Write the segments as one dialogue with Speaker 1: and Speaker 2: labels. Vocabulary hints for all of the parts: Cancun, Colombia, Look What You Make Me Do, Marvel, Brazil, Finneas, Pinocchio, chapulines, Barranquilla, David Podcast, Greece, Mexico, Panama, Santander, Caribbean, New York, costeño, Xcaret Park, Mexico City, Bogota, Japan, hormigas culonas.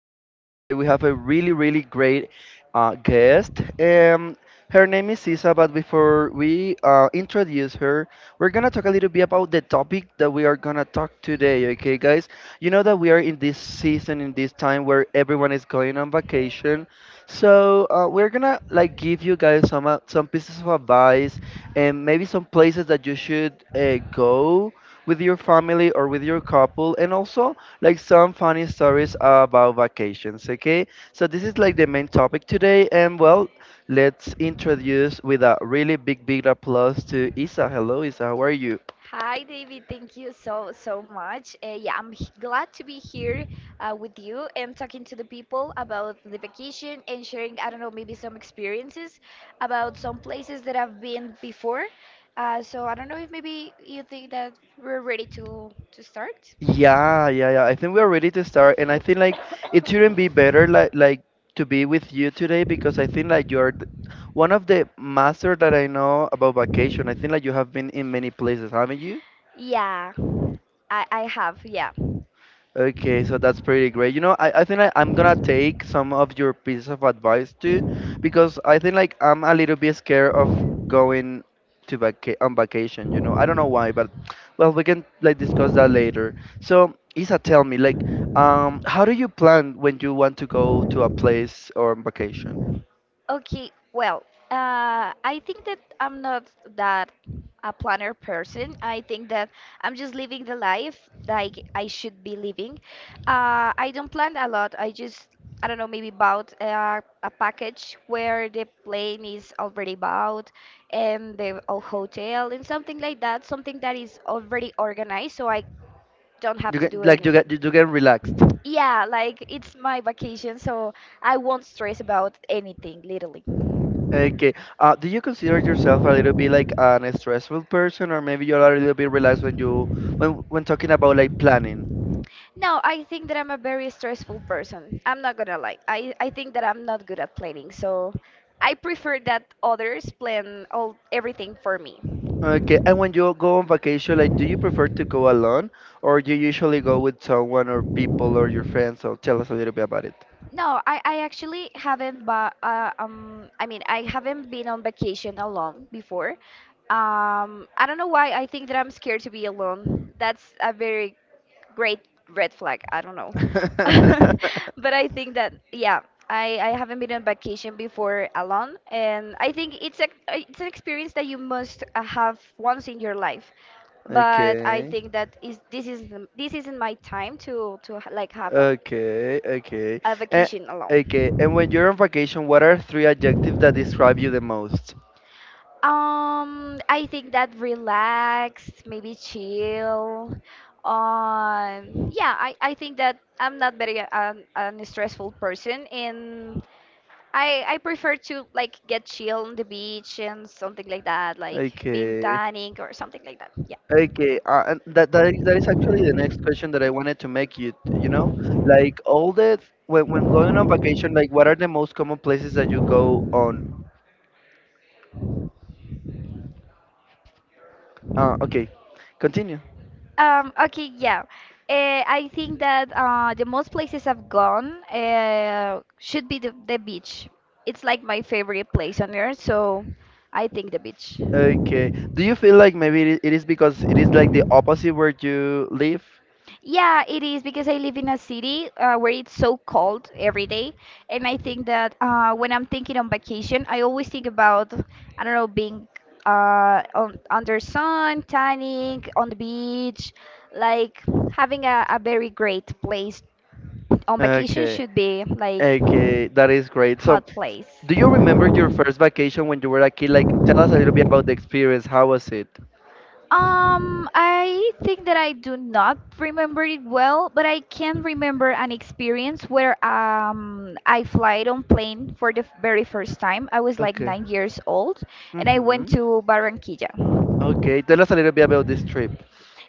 Speaker 1: Podcast. Today we have a really, really great guest. Her name is Isa, but before we introduce her, we're gonna talk a little bit about the topic that we are gonna talk today. Okay, guys. You know that we are in this season, in this time where everyone is going on vacation, so we're gonna like give you guys some pieces of advice and maybe some places that you should go with your family or with your couple and also like some funny stories about vacations, okay? So this is like the main topic today, and well, let's introduce with a really big, big applause to Isa. Hello, Isa, how are you?
Speaker 2: Hi, David. Thank you so, so much. Yeah, I'm glad to be here with you and talking to the people about the vacation and sharing, I don't know, maybe some experiences about some places that I've been before. So I don't know if maybe you think that we're ready to start.
Speaker 1: Yeah, yeah, yeah. I think we are ready to start, and I think like it shouldn't be better like to be with you today because I think like one of the master that I know about vacation. I think like you have been in many places, haven't you?
Speaker 2: Yeah, I have. Yeah.
Speaker 1: Okay, so that's pretty great. You know, I think I'm gonna take some of your pieces of advice too, because I think like I'm a little bit scared of going to vaca on vacation. You know, I don't know why, but well, we can like discuss that later. So, Isa, tell me, like, how do you plan when you want to go to a place or on vacation?
Speaker 2: Okay, well, I think that I'm not that a planner person. I think that I'm just living the life like I should be living. I don't plan a lot. I don't know, maybe bought a package where the plane is already bought and the hotel and something like that, something that is already organized so I don't have
Speaker 1: You
Speaker 2: to do
Speaker 1: get like you get
Speaker 2: anything.
Speaker 1: you get relaxed.
Speaker 2: Yeah, like it's my vacation, so I won't stress about anything, literally.
Speaker 1: Okay. Do you consider yourself a little bit like an stressful person, or maybe you're a little bit relaxed when you when talking about like planning?
Speaker 2: No, I think that I'm a very stressful person. I'm not gonna lie. I think that I'm not good at planning, so I prefer that others plan all everything for me.
Speaker 1: Okay. And when you go on vacation, like, do you prefer to go alone, or do you usually go with someone or people or your friends? So tell us a little bit about it.
Speaker 2: No, I actually haven't but I mean I haven't been on vacation alone before. Um, I don't know why I think that I'm scared to be alone. That's a very great red flag. I don't know. But I think that yeah, I haven't been on vacation before alone, and I think it's a it's an experience that you must have once in your life. But I
Speaker 1: Okay.
Speaker 2: think that is this isn't my time to like have
Speaker 1: Okay. Okay.
Speaker 2: a
Speaker 1: And,
Speaker 2: vacation
Speaker 1: okay.
Speaker 2: alone.
Speaker 1: And when you're on vacation, what are three adjectives that describe you the most?
Speaker 2: I think that relaxed, maybe chill. Yeah, I think that I'm not very an stressful person, and I prefer to like get chill on the beach and something like that, like being
Speaker 1: Okay.
Speaker 2: tanning or something like that. Yeah.
Speaker 1: Okay, and that, that is actually the next question that I wanted to make you. You know, like all the when going on vacation, like what are the most common places that you go on? Uh, okay, continue.
Speaker 2: Okay, yeah. I think that the most places I've gone should be the beach. It's like my favorite place on earth, so I think the beach.
Speaker 1: Okay, do you feel like maybe it is because it is like the opposite where you live?
Speaker 2: Yeah, it is because I live in a city where it's so cold every day, and I think that when I'm thinking on vacation, I always think about I don't know being under sun, tanning, on the beach, like having a very great place on vacation
Speaker 1: Okay,
Speaker 2: should be like
Speaker 1: okay, that is great. So,
Speaker 2: hot place.
Speaker 1: do you remember your first vacation when you were a kid? Like, tell us a little bit about the experience. How was it?
Speaker 2: I think that I do not remember it well, but I can remember an experience where I flied on plane for the very first time. I was like
Speaker 1: Okay.
Speaker 2: 9 years old, and I went
Speaker 1: Mm-hmm.
Speaker 2: to Barranquilla.
Speaker 1: Okay, tell us a little bit about this trip.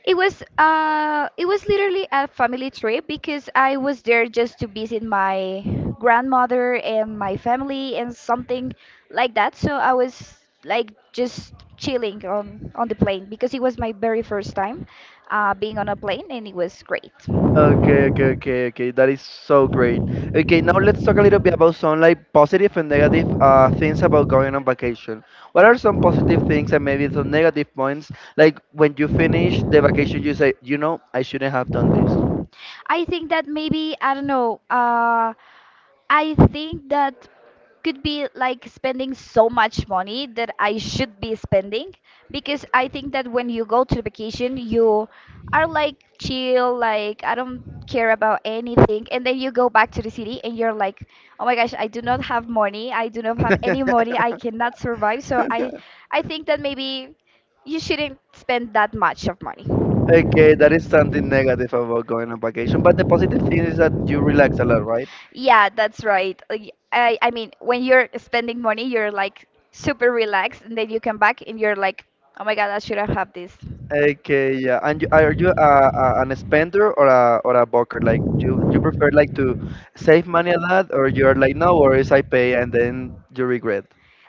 Speaker 2: It was literally a family trip because I was there just to visit my grandmother and my family and something like that. So I was like just chilling on the plane because it was my very first time being on a plane and it was great.
Speaker 1: Okay, okay, okay, okay. That is so great. Okay, now let's talk a little bit about some like positive and negative things about going on vacation. What are some positive things and maybe some negative points? Like when you finish the vacation, you say, you know, I shouldn't have done this.
Speaker 2: I think that maybe I don't know. I think that could be like spending so much money that I should be spending because I think that when you go to vacation, you are like chill, like I don't care about anything, and then you go back to the city and you're like, oh my gosh, I do not have money, I do not have any money, I cannot survive. I think that maybe you shouldn't spend that much of money.
Speaker 1: Okay, that is something negative about going on vacation. But the positive thing is that you relax a lot, right?
Speaker 2: Yeah, that's right. Like, I mean, when you're spending money, you're like super relaxed, and then you come back and you're like, oh my God, I shouldn't have this.
Speaker 1: Okay, yeah. And you, are you an spender or a banker? Like, do you, you prefer like to save money a lot, or you're like, no worries, I pay, and then you regret?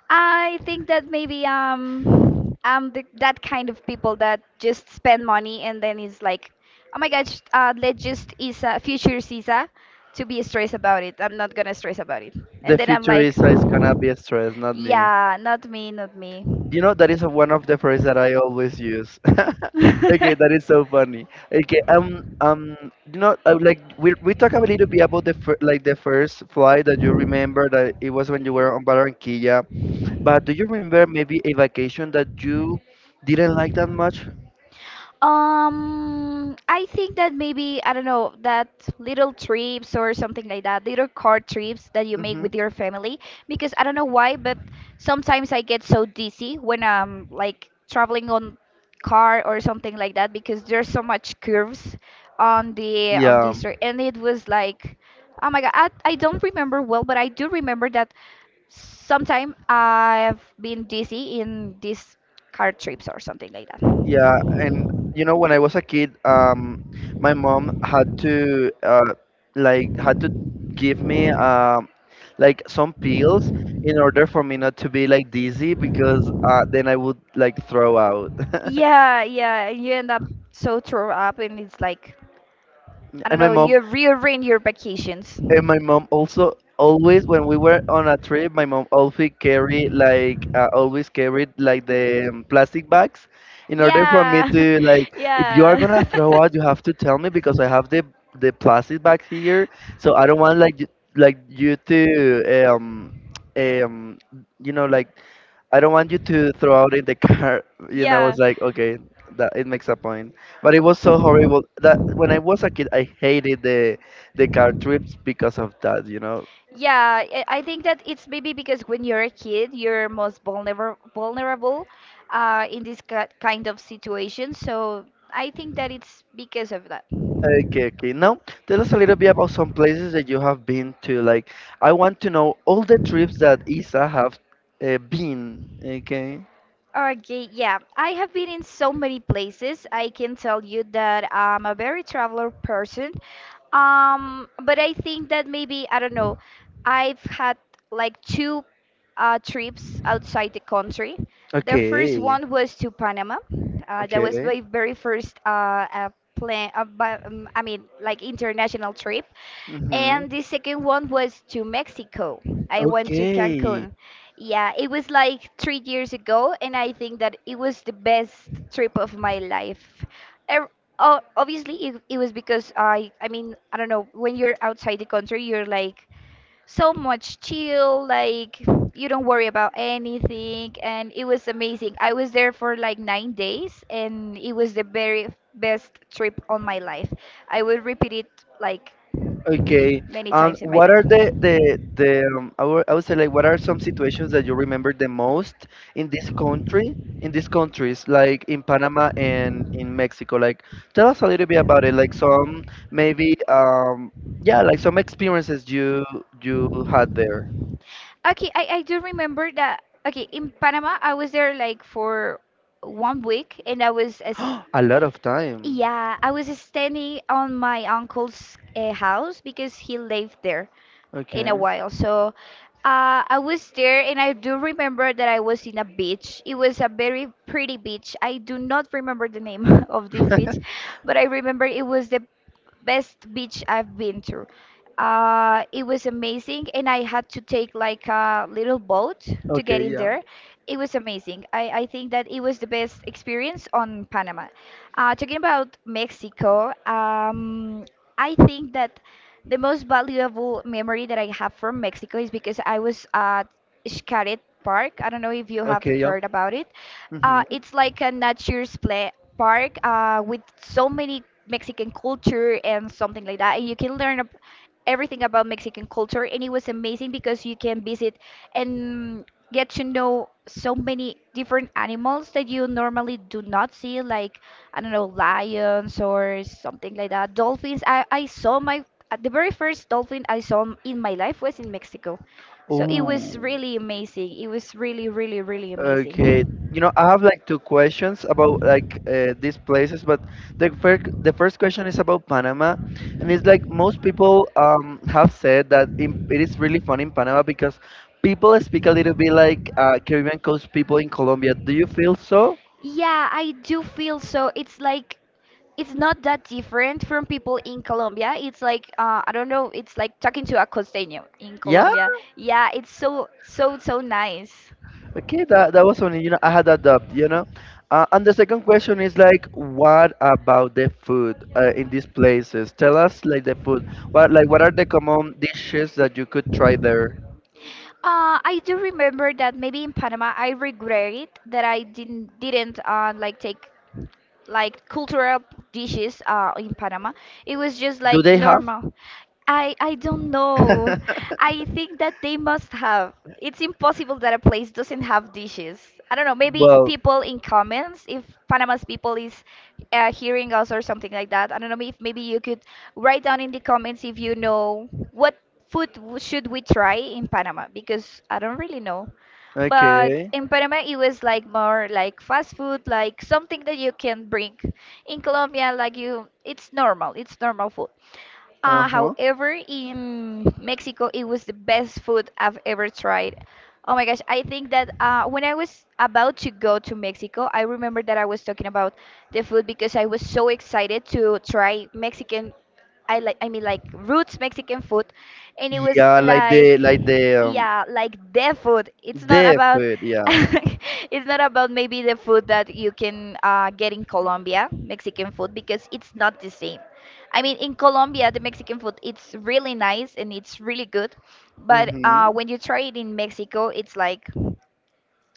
Speaker 2: I think that maybe I'm that kind of people that just spend money and then is like, oh my gosh, let's just is a future Isa to be stressed about it. I'm not gonna stress about it.
Speaker 1: The
Speaker 2: And then I'm
Speaker 1: future
Speaker 2: like,
Speaker 1: is gonna be a stress, not me.
Speaker 2: yeah, not me, not me.
Speaker 1: You know, that is one of the phrases that I always use. Okay, that is so funny. Okay, you know, like we talk a little bit about the fir like the first flight that you remember that it was when you were on Barranquilla. But do you remember maybe a vacation that you didn't like that much?
Speaker 2: I think that maybe, I don't know, that little trips or something like that, little car trips that you make
Speaker 1: Hmm.
Speaker 2: with your family, because I don't know why, but sometimes I get so dizzy when I'm like traveling on car or something like that because there's so much curves on the on
Speaker 1: Yeah,
Speaker 2: this road, and it was like, oh my God, I don't remember well, but I do remember that sometime I've been dizzy in these car trips or something like that.
Speaker 1: yeah. And you know, when I was a kid, my mom had to had to give me like some pills in order for me not to be like dizzy because then I would like throw out.
Speaker 2: Yeah, yeah, you end up so thrown up and it's like I don't
Speaker 1: And my
Speaker 2: know,
Speaker 1: mom
Speaker 2: you rearrange your vacations.
Speaker 1: And my mom also always when we were on a trip, my mom always carried like the plastic bags in order for me
Speaker 2: Yeah,
Speaker 1: to like if you are
Speaker 2: yeah.
Speaker 1: gonna throw out, you have to tell me because I have the plastic bags here, so I don't want like you to um you know like I don't want you to throw out in the car. You know, I
Speaker 2: Yeah.
Speaker 1: was like, okay, that it makes a point. But it was so horrible that when I was a kid, I hated the car trips because of that. You know.
Speaker 2: Yeah, I think that it's maybe because when you're a kid, you're most vulnerable in this kind of situation. So I think that it's because of that.
Speaker 1: Okay, okay. Now tell us a little bit about some places that you have been to. Like, I want to know all the trips that Isa have been. Okay.
Speaker 2: Okay, yeah. I have been in so many places. I can tell you that I'm a very traveler person. But I think that maybe, I don't know, I've had like two trips outside the country. The first
Speaker 1: Okay.
Speaker 2: one was to Panama. That was
Speaker 1: Okay.
Speaker 2: my very first plan, I mean, like international trip. And
Speaker 1: Mhm.
Speaker 2: the second one was to Mexico. I went to
Speaker 1: Okay.
Speaker 2: Cancun. Yeah, it was like 3 years ago, and I think that it was the best trip of my life. Er- Obviously, it was because I mean, I don't know, when you're outside the country, you're like so much chill, like you don't worry about anything, and it was amazing. I was there for like 9 days, and it was the very best trip on my life. I would repeat it like
Speaker 1: Okay.
Speaker 2: many
Speaker 1: And
Speaker 2: times in my
Speaker 1: what
Speaker 2: life.
Speaker 1: are the I would say like what are some situations that you remember the most in this country, in these countries, like in Panama and in Mexico? Like, tell us a little bit about it. Like some maybe yeah, like some experiences you you had there.
Speaker 2: Okay, I do remember that. Okay, in Panama, I was there like for one week, and I was as
Speaker 1: A lot of time.
Speaker 2: yeah, I was standing on my uncle's house because he lived there in a
Speaker 1: Okay.
Speaker 2: while. So I was there, and I do remember that I was in a beach. It was a very pretty beach. I do not remember the name of this beach, but I remember it was the best beach I've been to. It was amazing, and I had to take like a little boat to get
Speaker 1: Okay.
Speaker 2: in
Speaker 1: Yeah.
Speaker 2: there. It was amazing. I think that it was the best experience on Panama. Talking about Mexico, I think that the most valuable memory that I have from Mexico is because I was at Xcaret Park. I don't know if you have
Speaker 1: Okay. Yeah.
Speaker 2: heard about it.
Speaker 1: Mm-hmm.
Speaker 2: It's like a nature's play park with so many Mexican culture and something like that. And you can learn everything about Mexican culture. And it was amazing because you can visit and get to know so many different animals that you normally do not see, like, I don't know, lions or something like that. Dolphins. I saw the very first dolphin I saw in my life was in Mexico. So it was
Speaker 1: Oh.
Speaker 2: really amazing. It was really, really, really amazing.
Speaker 1: Okay, you know, I have like two questions about like these places, but the first question is about Panama, and it's like most people have said that in, it is really fun in Panama because people speak a little bit like Caribbean Coast people in Colombia. Do you feel so?
Speaker 2: Yeah, I do feel so. It's like it's not that different from people in Colombia. It's like I don't know. It's like talking to a costeño in
Speaker 1: Yeah.
Speaker 2: Colombia. Yeah, it's so so so nice.
Speaker 1: Okay, that that was only, you know, I had that doubt, you know. And the second question is like, what about the food in these places? Tell us like the food. What like what are the common dishes that you could try there?
Speaker 2: I do remember that maybe in Panama I regret it that I didn't like take like cultural dishes in Panama. It was just
Speaker 1: Do
Speaker 2: like
Speaker 1: they have?
Speaker 2: normal. I don't know. I think that they must have. It's impossible that a place doesn't have dishes. I don't know. Maybe
Speaker 1: Well,
Speaker 2: people in comments, if Panama's people is hearing us or something like that. I don't know if maybe you could write down in the comments if you know what food should we try in Panama because I don't really know. But
Speaker 1: okay.
Speaker 2: in Panama, it was like more like fast food, like something that you can bring. In Colombia, like you, it's normal food.
Speaker 1: Uh huh.
Speaker 2: However, in Mexico, it was the best food I've ever tried. Oh my gosh, I think that when I was about to go to Mexico, I remember that I was talking about the food because I was so excited to try Mexican I mean like roots Mexican food and it was
Speaker 1: Yeah,
Speaker 2: like
Speaker 1: like
Speaker 2: yeah, like their food. It's not
Speaker 1: the
Speaker 2: about
Speaker 1: food. Yeah.
Speaker 2: it's not about maybe the food that you can get in Colombia, Mexican food because it's not the same. I mean in Colombia the Mexican food it's really nice and it's really good, but
Speaker 1: Mhm.
Speaker 2: when you try it in Mexico it's like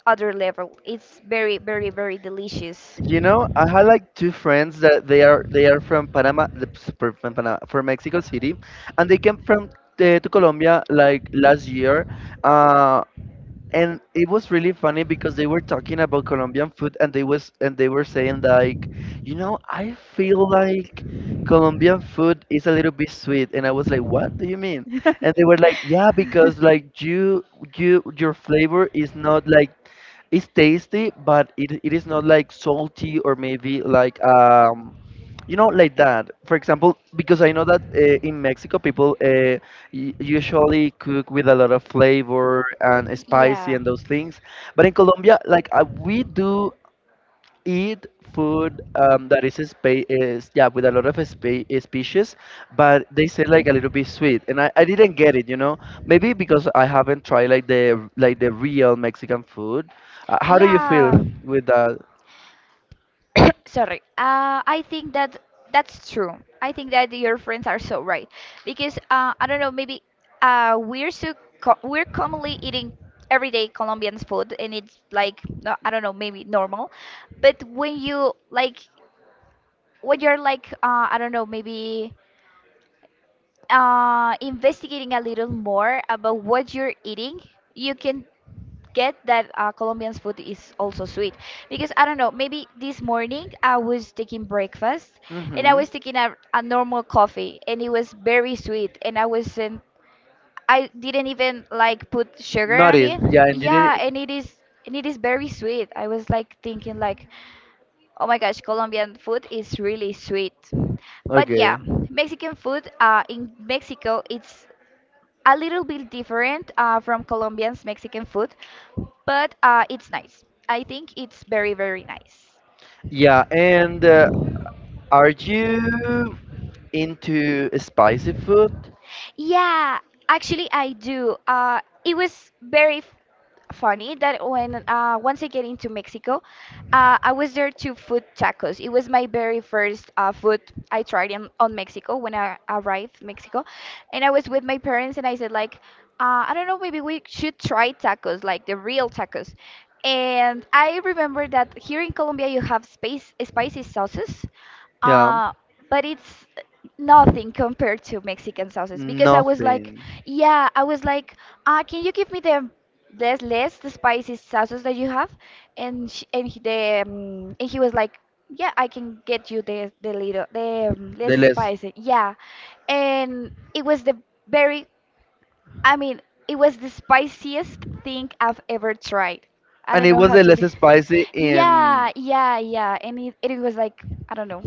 Speaker 2: other level. It's very very very delicious.
Speaker 1: You know, I had like two friends that they are from Panama, from Panama, from Mexico City, and they came from to Colombia like last year. Uh, and it was really funny because they were talking about Colombian food and they was and they were saying like, you know, I feel like Colombian food is a little bit sweet and I was like, what do you mean?
Speaker 2: And
Speaker 1: And they were like, yeah, because like you your flavor is not like it's tasty, but it is not like salty or maybe like you know, like that. For example, because I know that in Mexico people usually cook with a lot of flavor and spicy and those things. But in Colombia, like we do eat food that is is yeah with a lot of species, but they say like a little bit sweet, and I didn't get it, you know. Maybe because I haven't tried like the real Mexican food. How do you feel with that?
Speaker 2: Sorry. I think that that's true. I think that your friends are so right because I don't know. Maybe we're so we're commonly eating everyday Colombian food, and it's like no, I don't know, maybe normal. But when you like when you're like I don't know, maybe investigating a little more about what you're eating, you can get that Colombian food is also sweet because I don't know. Maybe this morning I was taking breakfast and I
Speaker 1: Mm-hmm.
Speaker 2: was taking a normal coffee and it was very sweet and I wasn't. I didn't even like put sugar on
Speaker 1: Notice,
Speaker 2: it.
Speaker 1: yeah, and you didn't.
Speaker 2: Yeah, and it is very sweet. I was like thinking like, oh my gosh, Colombian food is really sweet. But
Speaker 1: Okay.
Speaker 2: yeah, Mexican food in Mexico it's a little bit different from Colombian's Mexican food, but it's nice. I think it's very, very nice.
Speaker 1: Yeah, and are you into spicy food?
Speaker 2: Yeah, actually, I do. It was funny that when once I get into Mexico, I was there to food tacos. It was my very first food I tried in on Mexico when I arrived Mexico, and I was with my parents and I said like, I don't know, maybe we should try tacos, like the real tacos. And I remember that here in Colombia you have space spicy sauces,
Speaker 1: Yeah,
Speaker 2: uh, but it's nothing compared to Mexican sauces because I was like,
Speaker 1: nothing.
Speaker 2: yeah, I was like, can you give me the less the spicy sauces that you have? And she, and he, the and he was like, yeah, I can get you the little the less
Speaker 1: The less.
Speaker 2: spicy, yeah. And it was the very, I mean, it was the spiciest thing I've ever tried. I
Speaker 1: And
Speaker 2: don't
Speaker 1: it
Speaker 2: know
Speaker 1: was
Speaker 2: how
Speaker 1: the
Speaker 2: to.
Speaker 1: less
Speaker 2: do-
Speaker 1: spicy
Speaker 2: Yeah,
Speaker 1: in
Speaker 2: yeah, yeah. And it was like, I don't know.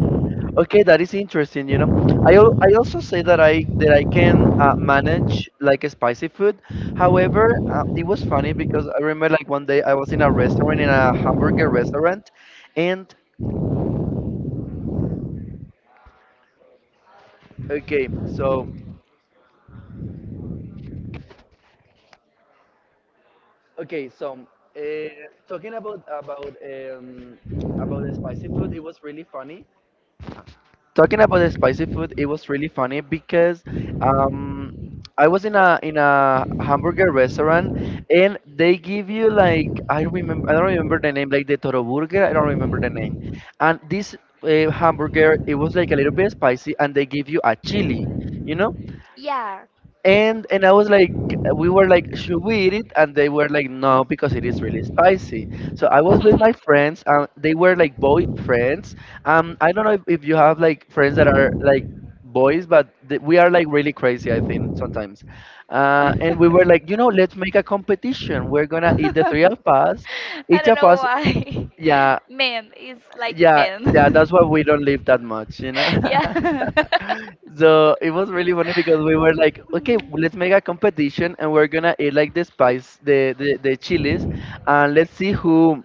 Speaker 1: okay that is interesting, you know. I also say that I can manage like a spicy food. However, it was funny because I remember like one day I was in a restaurant in a hamburger restaurant and okay so okay so uh, talking about the spicy food it was really funny Talking about the spicy food, it was really funny because um, I was in a hamburger restaurant and they give you like I remember I don't remember the name like the Toro Burger I don't remember the name, and this hamburger it was like a little bit spicy and they give you a chili, you know,
Speaker 2: Yeah.
Speaker 1: and I was like, we were like, should we eat it? And they were like, no, because it is really spicy. So I was with my friends, and they were like boy friends. I don't know if you have like friends that are like boys, but we are like really crazy. I think sometimes, and we were like, you know, let's make a competition. We're gonna eat the three of us, each of us.
Speaker 2: why. Yeah,
Speaker 1: Yeah,
Speaker 2: Men is
Speaker 1: yeah, yeah. That's why we don't live that much, you know.
Speaker 2: yeah.
Speaker 1: So it was really funny because we were like, okay, let's make a competition and we're gonna eat like the chilies, and let's see who.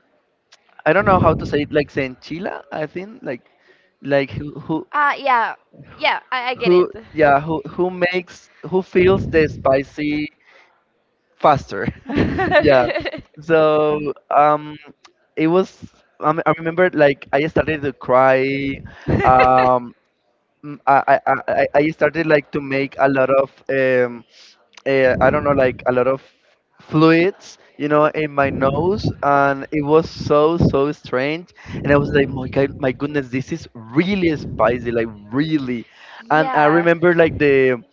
Speaker 1: I don't know how to say it, like se I think, like who
Speaker 2: Yeah, yeah, I get
Speaker 1: who
Speaker 2: it.
Speaker 1: yeah who makes who feels the spicy faster, yeah. So um, it was. I remember like I started to cry. Um, m- I I I I started like to make a lot of I don't know,
Speaker 2: do
Speaker 1: like a lot of fluids, you know, in my nose, and it was so so strange. And I was like, my god, my goodness, this is really spicy, like really. And I remember like the.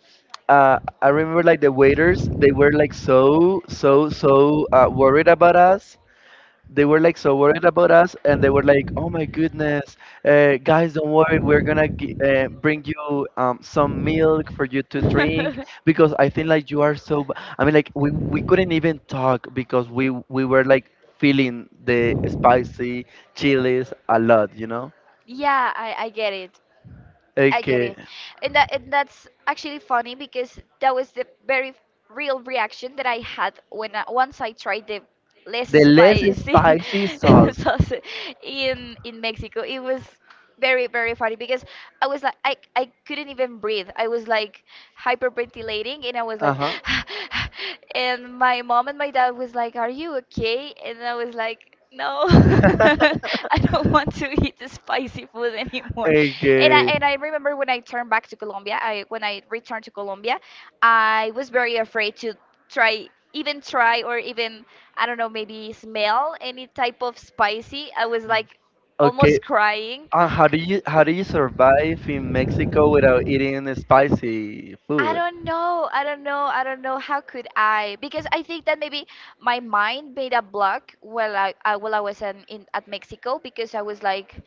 Speaker 1: I remember like the waiters, they were like so, so, so worried about us, they were like so worried about us and they were like, oh my goodness, guys, don't worry, we're gonna bring you some milk for you to drink
Speaker 2: drink
Speaker 1: because I think like you are so b-". I mean, like, we couldn't even talk because we were like feeling the spicy chilies a lot, you know.
Speaker 2: Yeah, I get it. I get
Speaker 1: Okay.
Speaker 2: it. And that and that's actually funny because that was the very real reaction that I had when once I tried the less
Speaker 1: The less
Speaker 2: spicy
Speaker 1: spicy sauce.
Speaker 2: sauce in Mexico. It was very, very funny because I was like I couldn't even breathe. I was like hyperventilating, and I was
Speaker 1: Uh
Speaker 2: like,
Speaker 1: huh.
Speaker 2: and my mom and my dad was like, are you okay? And I was like, no, I don't want to eat the spicy food anymore. And i
Speaker 1: okay.
Speaker 2: and i remember when I turned back to colombia I when I returned to Colombia, I was very afraid to try, even try, or even I don't know, maybe smell any type of spicy. I was like
Speaker 1: Okay.
Speaker 2: almost crying.
Speaker 1: How do you survive in Mexico without eating spicy
Speaker 2: I
Speaker 1: food?
Speaker 2: don't know. I don't know. I don't know how could I, because I think that maybe my mind made a block while I while I was in at Mexico, because I was like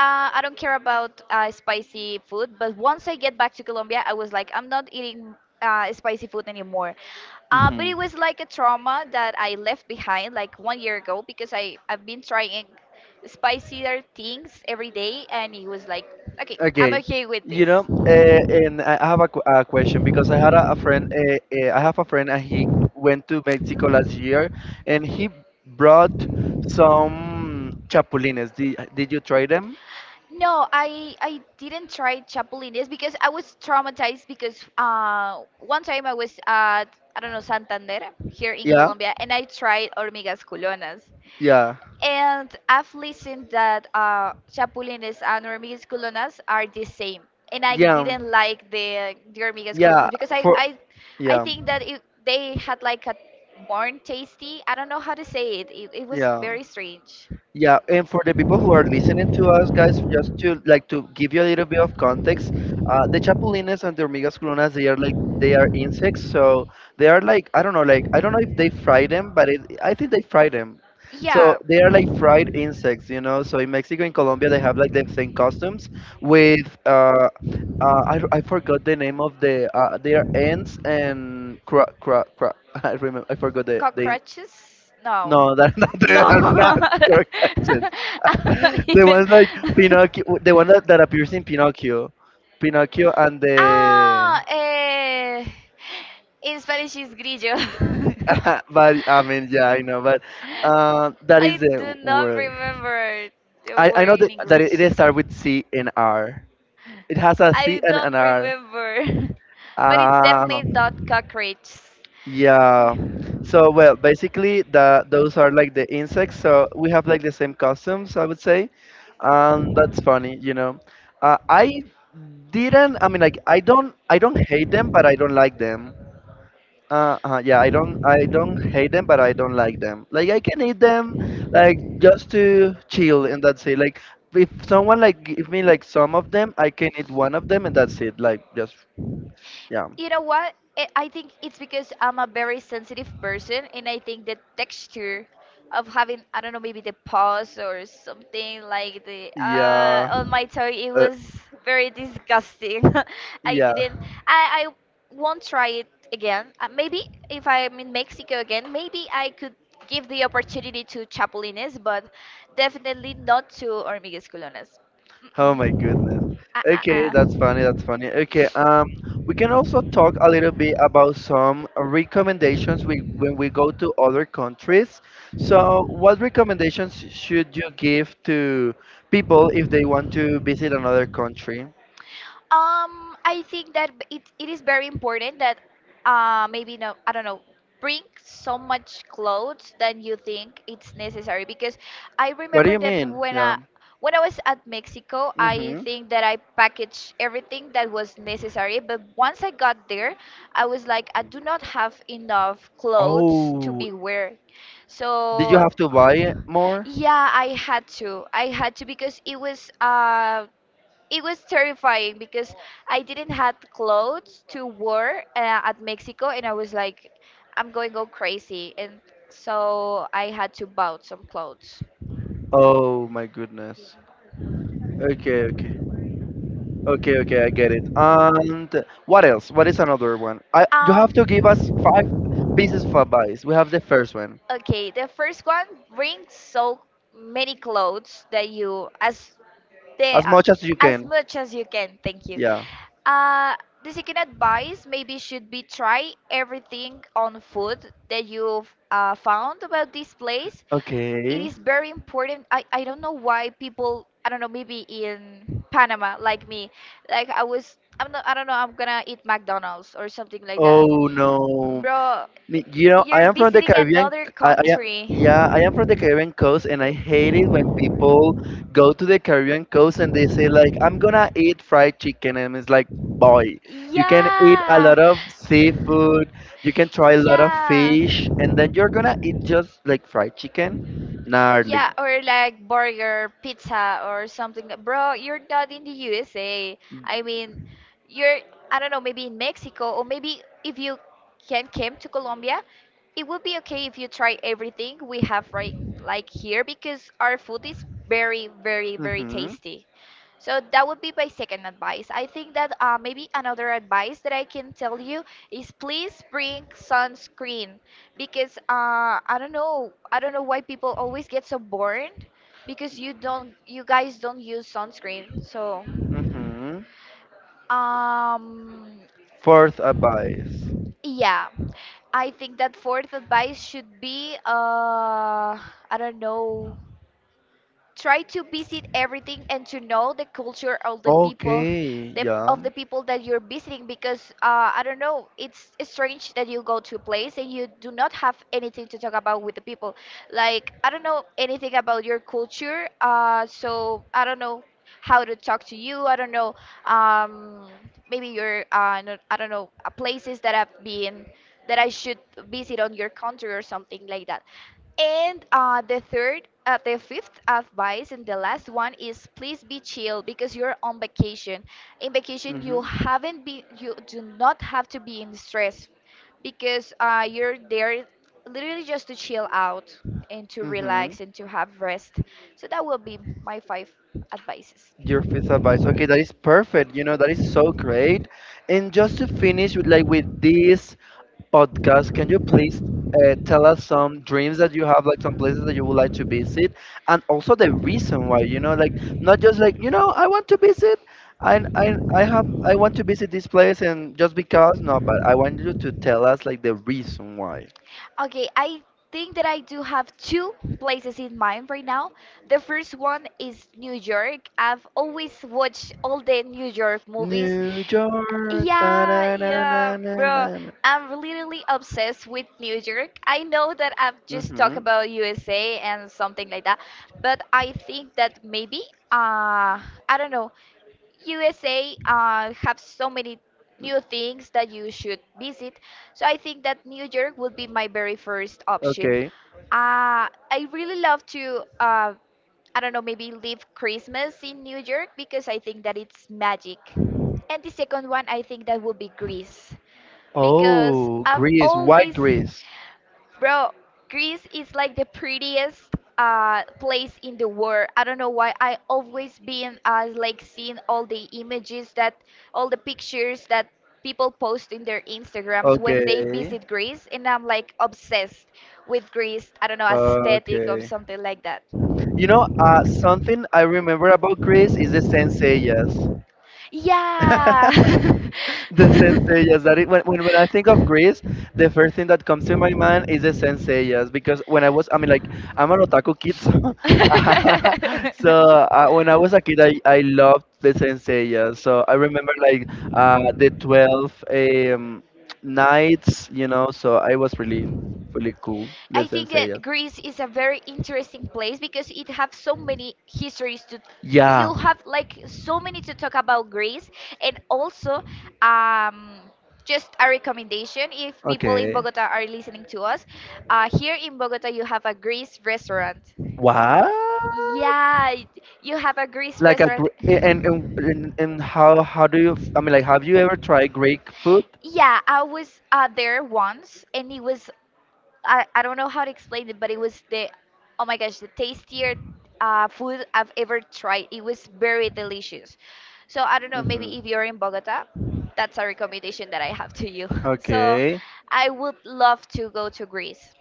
Speaker 2: I don't care about spicy food, but once I get back to Colombia, I was like, I'm not eating spicy food anymore. But it
Speaker 1: Hmm.
Speaker 2: was like a trauma that I left behind like 1 year ago because I've been trying spicier things every day, and it was like, okay, I'm
Speaker 1: Okay,
Speaker 2: okay with this.
Speaker 1: and I have a a question because I had a friend. I have a friend, and he went to Mexico last year, and he brought some chapulines. Did you try them?
Speaker 2: No, I didn't try chapulines because I was traumatized because one time I was at I don't know Santander here in
Speaker 1: Yeah,
Speaker 2: Colombia, and I tried hormigas culonas.
Speaker 1: yeah,
Speaker 2: And I've listened that chapulines and hormigas culonas are the same. And I
Speaker 1: yeah,
Speaker 2: didn't like the hormigas
Speaker 1: yeah.
Speaker 2: culonas because
Speaker 1: For
Speaker 2: I
Speaker 1: yeah,
Speaker 2: think that it, they had like a born tasty. I don't know how to say it. It was
Speaker 1: yeah.
Speaker 2: very strange.
Speaker 1: Yeah, and for the people who are listening to us, guys, just to like to give you a little bit of context, the chapulines and the hormigas culonas, they are like, they are insects, so they are like, I don't know, like, I don't know if they fry them, but it, I think they fry them. So
Speaker 2: Yeah.
Speaker 1: they are like fried insects, you know. So in Mexico and Colombia, they have like the same costumes with I forgot the name of the they are ants and cra cra cra. I remember I forgot the
Speaker 2: Cockroaches? No.
Speaker 1: no that, that
Speaker 2: No.
Speaker 1: are not correct.
Speaker 2: I'm not
Speaker 1: The
Speaker 2: even.
Speaker 1: ones like Pinocchio, the one that appears in Pinocchio and the.
Speaker 2: Ah, eh. In Spanish, it's grillo.
Speaker 1: But I mean, yeah, I know, but that
Speaker 2: I
Speaker 1: is the
Speaker 2: do not
Speaker 1: word.
Speaker 2: remember the
Speaker 1: I know
Speaker 2: word in
Speaker 1: that
Speaker 2: English.
Speaker 1: it starts with C and R. It has a C
Speaker 2: I
Speaker 1: and an
Speaker 2: don't
Speaker 1: R.
Speaker 2: remember. but it's
Speaker 1: Ah.
Speaker 2: definitely not cockroach.
Speaker 1: Yeah. So well, basically the those are like the insects. So we have like the same costumes, I would say, and that's funny, you know. I didn't. I mean, like, I don't. I don't hate them, but I don't like them. Yeah, I don't. I don't hate them, but I don't like them. Like, I can eat them, like just to chill and that's it. Like, if someone like give me like some of them, I can eat one of them and that's it. Like, just yeah,
Speaker 2: You know what? I think it's because I'm a very sensitive person, and I think the texture of having, I don't know, maybe the pus or something like the
Speaker 1: yeah,
Speaker 2: on my toe, it
Speaker 1: uh,
Speaker 2: was very disgusting. I didn't.
Speaker 1: yeah.
Speaker 2: I won't try it again. Maybe if I'm in Mexico again, maybe I could give the opportunity to chapulines, but definitely not to hormigas culonas.
Speaker 1: Oh my
Speaker 2: Mm-mm.
Speaker 1: goodness.
Speaker 2: Ah,
Speaker 1: Okay,
Speaker 2: ah,
Speaker 1: that's funny. That's funny. Okay, we can also talk a little bit about some recommendations when we go to other countries. So, what recommendations should you give to people if they want to visit another country?
Speaker 2: ah. I think that it, it is very important that maybe no, I don't know, bring so much clothes than you think it's necessary, because I
Speaker 1: What do
Speaker 2: remember
Speaker 1: you
Speaker 2: that
Speaker 1: mean? Yeah.
Speaker 2: when I was at Mexico, I
Speaker 1: Mm-hmm.
Speaker 2: think that I packaged everything that was necessary, but once I got there, I was like, I do not have enough clothes to
Speaker 1: Oh,
Speaker 2: be wearing.
Speaker 1: did you
Speaker 2: So,
Speaker 1: have to buy it more?
Speaker 2: yeah, I had to. I had to because it was terrifying because I didn't had clothes to wear at Mexico, and I was like, I'm going go crazy, and so I had to buy some clothes.
Speaker 1: Oh my goodness. Okay, okay. Okay, okay, I get it. And what else? What is another one? I you
Speaker 2: Um,
Speaker 1: have to give us five pieces of advice. We have the first one.
Speaker 2: okay, the first one, bring so many clothes that you as the
Speaker 1: As much as you
Speaker 2: as
Speaker 1: can.
Speaker 2: much as you can. Thank you.
Speaker 1: Yeah.
Speaker 2: Uh, the second advice maybe should be try everything on food that you've found about this place. It
Speaker 1: Okay.
Speaker 2: is very important. I don't know why people, I don't know, maybe in Panama, like me, like I'm not, I don't know, I'm gonna eat McDonald's or something like that.
Speaker 1: Oh no.
Speaker 2: Bro,
Speaker 1: You know, I
Speaker 2: you're
Speaker 1: am from the
Speaker 2: visiting
Speaker 1: Caribbean.
Speaker 2: another
Speaker 1: I, I am-
Speaker 2: country.
Speaker 1: yeah, I am from the Caribbean coast, and I hate it when people go to the Caribbean coast and they say like, "I'm gonna eat fried chicken," and it's like, boy, you can eat a
Speaker 2: Yeah.
Speaker 1: lot of seafood, you can try a lot of
Speaker 2: Yeah.
Speaker 1: fish, and then you're gonna eat just like fried chicken, gnarly.
Speaker 2: Yeah, or like burger, pizza, or something. That- Bro, you're not in the USA. I mean, you're, I don't know, maybe in Mexico, or maybe if you can came to Colombia, it would be okay if you try everything we have right like here because our food is very, very, very
Speaker 1: Mhm,
Speaker 2: tasty. So that would be my second advice. I think that maybe another advice that I can tell you is please bring sunscreen because I don't know why people always get so burned because you don't you guys don't use sunscreen. So
Speaker 1: mhm.
Speaker 2: um
Speaker 1: Fourth advice.
Speaker 2: yeah, I think that fourth advice should be I don't know, try to visit everything and to know the culture of the people,
Speaker 1: Okay, yeah.
Speaker 2: of the people that you're visiting, because I don't know, it's strange that you go to a place and you do not have anything to talk about with the people, like I don't know anything about your culture. So I don't know how to talk to you. I don't know. um, Maybe your I don't know, places that I've been that I should visit on your country or something like that. And the fifth advice, and the last one is please be chill because you're on vacation. In vacation, you
Speaker 1: Mhm,
Speaker 2: haven't been, you do not have to be in stress because you're there literally just to chill out and to
Speaker 1: mhm.
Speaker 2: relax and to have rest. So that will be my five advices.
Speaker 1: Your first advice. Okay, that is perfect. You know, that is so great. And just to finish with, like, with this podcast, can you please tell us some dreams that you have, like some places that you would like to visit, and also the reason why, you know, like not just like, you know, I want to visit and I want to visit this place and just because, no, but I want you to tell us like the reason why.
Speaker 2: Okay, I think that I do have two places in mind right now. The first one is New York. I've always watched all the New York movies.
Speaker 1: New York. Da,
Speaker 2: Yeah,
Speaker 1: da, da,
Speaker 2: yeah,
Speaker 1: da, da,
Speaker 2: bro.
Speaker 1: da.
Speaker 2: I'm literally obsessed with New York. I know that I've just talked
Speaker 1: Mm-hmm.
Speaker 2: about USA and something like that, but I think that maybe, I don't know, USA have so many new things that you should visit. So I think that New York would be my very first option.
Speaker 1: Okay.
Speaker 2: I really love to I don't know, maybe leave Christmas in New York because I think that it's magic. And the second one, I think that would be Greece because
Speaker 1: Oh,
Speaker 2: I've
Speaker 1: Greece, white
Speaker 2: always,
Speaker 1: Greece.
Speaker 2: bro, Greece is like the prettiest place in the world. I don't know why I always been like seeing all the images that, all the pictures that people post in their Instagrams when they
Speaker 1: Okay,
Speaker 2: visit Greece, and I'm like obsessed with Greece. I don't know, aesthetic or
Speaker 1: okay.
Speaker 2: something like that.
Speaker 1: You know, something I remember about Greece is the senseiyas. The senseias that it, when I think of Greece, the first thing that comes to my mind is the senseias because when I was I mean, like, I'm an otaku kid, so when I was a kid, I loved the senseias, so I remember like the 12 um, nights, you know, so I was really really cool the
Speaker 2: I think
Speaker 1: senseias.
Speaker 2: that Greece is a very interesting place because it has so many histories to.
Speaker 1: Yeah.
Speaker 2: You'll have like so many to talk about Greece, and also, um, just a recommendation if people in
Speaker 1: Okay.
Speaker 2: Bogota are listening to us, here in Bogota you have a Greece restaurant.
Speaker 1: What?
Speaker 2: Yeah, it- you have a Greece
Speaker 1: Like a
Speaker 2: restaurant.
Speaker 1: gr- and how do you? I mean, like, have you ever tried Greek food?
Speaker 2: Yeah, I was there once, and it was I don't know how to explain it, but it was the oh my gosh, the tastier food I've ever tried. It was very delicious. So I don't know,
Speaker 1: Hmm.
Speaker 2: maybe if you're in Bogota, that's a recommendation that I have to you. So
Speaker 1: Okay,
Speaker 2: I would love to go to Greece.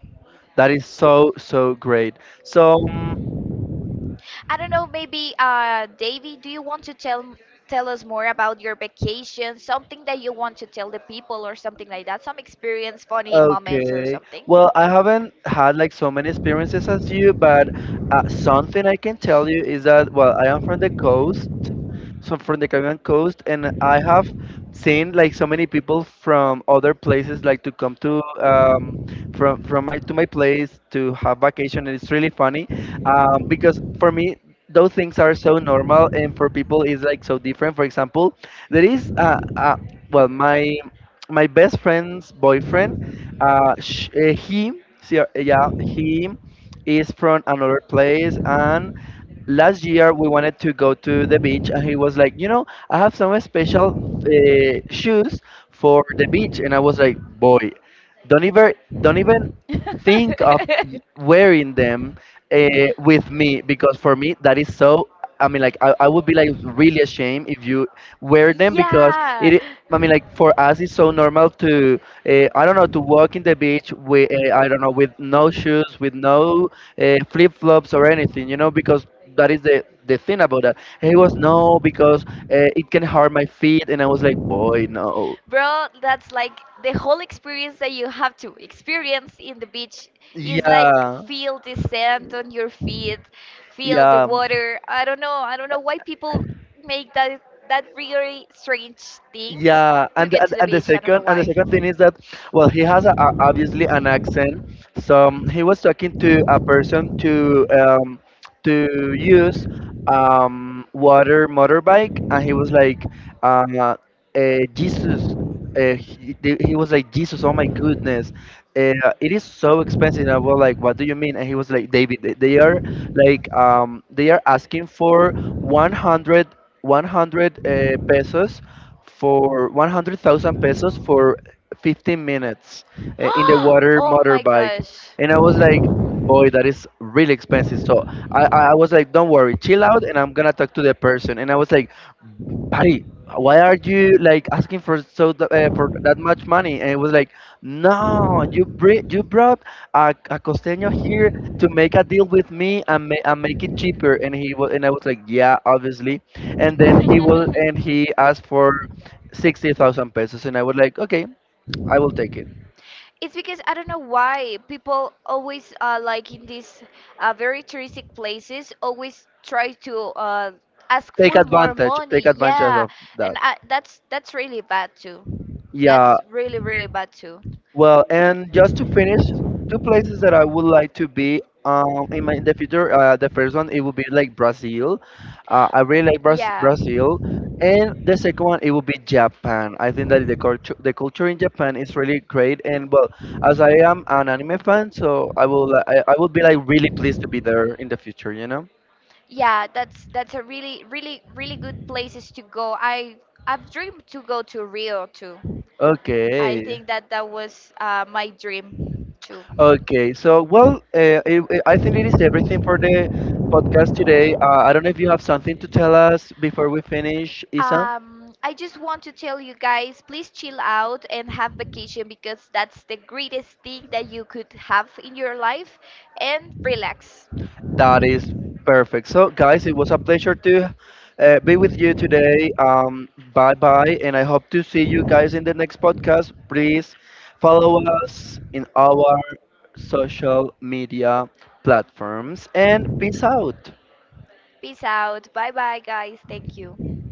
Speaker 1: that is so so great. So. um,
Speaker 2: I don't know, maybe Davy, do you want to tell us more about your vacation? Something that you want to tell the people or something like that? Some experience, funny moments or
Speaker 1: Okay.
Speaker 2: something?
Speaker 1: Well, I haven't had like so many experiences as you, but something I can tell you is that, well, I am from the coast, so from the Caribbean coast, and I have seen like so many people from other places like to come to from my to my place to have vacation, and it's really funny because for me those things are so normal, and for people it's like so different. For example, there is well, my best friend's boyfriend, uh, sh- uh, he, yeah, he is from another place, and last year we wanted to go to the beach, and he was like, you know, I have some special shoes for the beach, and I was like, boy, don't even, don't even think of wearing them uh, with me because for me that is so. I mean, like, I would be like really ashamed if you wear them because it, I mean, like, for us it's so normal to I don't know, to walk in the beach with I don't know, with no shoes, with no flip-flops or anything, you know, because that is the thing about that. And he was, no, because it can hurt my feet, and I was like, boy, no.
Speaker 2: Bro, that's like the whole experience that you have to experience in the beach is like
Speaker 1: Yeah.
Speaker 2: feel the sand on your feet, feel the
Speaker 1: Yeah.
Speaker 2: water. I don't know. I don't know why people make that really strange things
Speaker 1: Yeah,
Speaker 2: to
Speaker 1: and,
Speaker 2: get
Speaker 1: and
Speaker 2: to the
Speaker 1: and
Speaker 2: beach. I don't know
Speaker 1: the
Speaker 2: why
Speaker 1: second thing is that, well, he has obviously an accent. So he was talking to a person to use water motorbike, and he was like, uh, Jesus. He was like, Jesus, oh my goodness, uh, it is so expensive. And I was like, what do you
Speaker 2: we
Speaker 1: mean? And he was like, David, they are like, they are asking for 100 100 pesos for 100,000 pesos for 15 minutes in the water
Speaker 2: oh my
Speaker 1: motorbike.
Speaker 2: gosh.
Speaker 1: And I was like, boy, that is really expensive. So I was like, don't worry, chill out, and I'm gonna talk to the person. And I was like, buddy, why are you like asking for that much money? And it was like, no, you brought a costeño here to make a deal with me, and make it cheaper. And he was and I was like, yeah, obviously. And then he was and he asked for 60,000 pesos, and I was like, okay, I will take it.
Speaker 2: It's because I don't know why people always like in these very touristic places always try to ask
Speaker 1: take
Speaker 2: for more
Speaker 1: advantage
Speaker 2: money.
Speaker 1: take advantage
Speaker 2: Yeah,
Speaker 1: of that.
Speaker 2: and that's really bad too.
Speaker 1: Yeah.
Speaker 2: That's really, really bad too.
Speaker 1: Well, and just to finish, two places that I would like to be in the future. The first one, it would be like Brazil. I really like Brazil, and the second one, it would be Japan. I think that the culture in Japan is really great. And well, as I am an anime fan, so I would be like really pleased to be there in the future.
Speaker 2: Yeah, that's a really, really, really good places to go. I've dreamed to go to Rio too. I
Speaker 1: Okay.
Speaker 2: think that that was my dream too.
Speaker 1: Okay, so well, I think it is everything for the podcast today. I don't know if you have something to tell us before we finish, Isam.
Speaker 2: I just want to tell you guys, please chill out and have vacation because that's the greatest thing that you could have in your life and relax.
Speaker 1: That is perfect. So, guys, it was a pleasure to be with you today. Bye bye, and I hope to see you guys in the next podcast. Please follow us in our social media platforms and peace out.
Speaker 2: Peace out. Bye bye, guys. Thank you.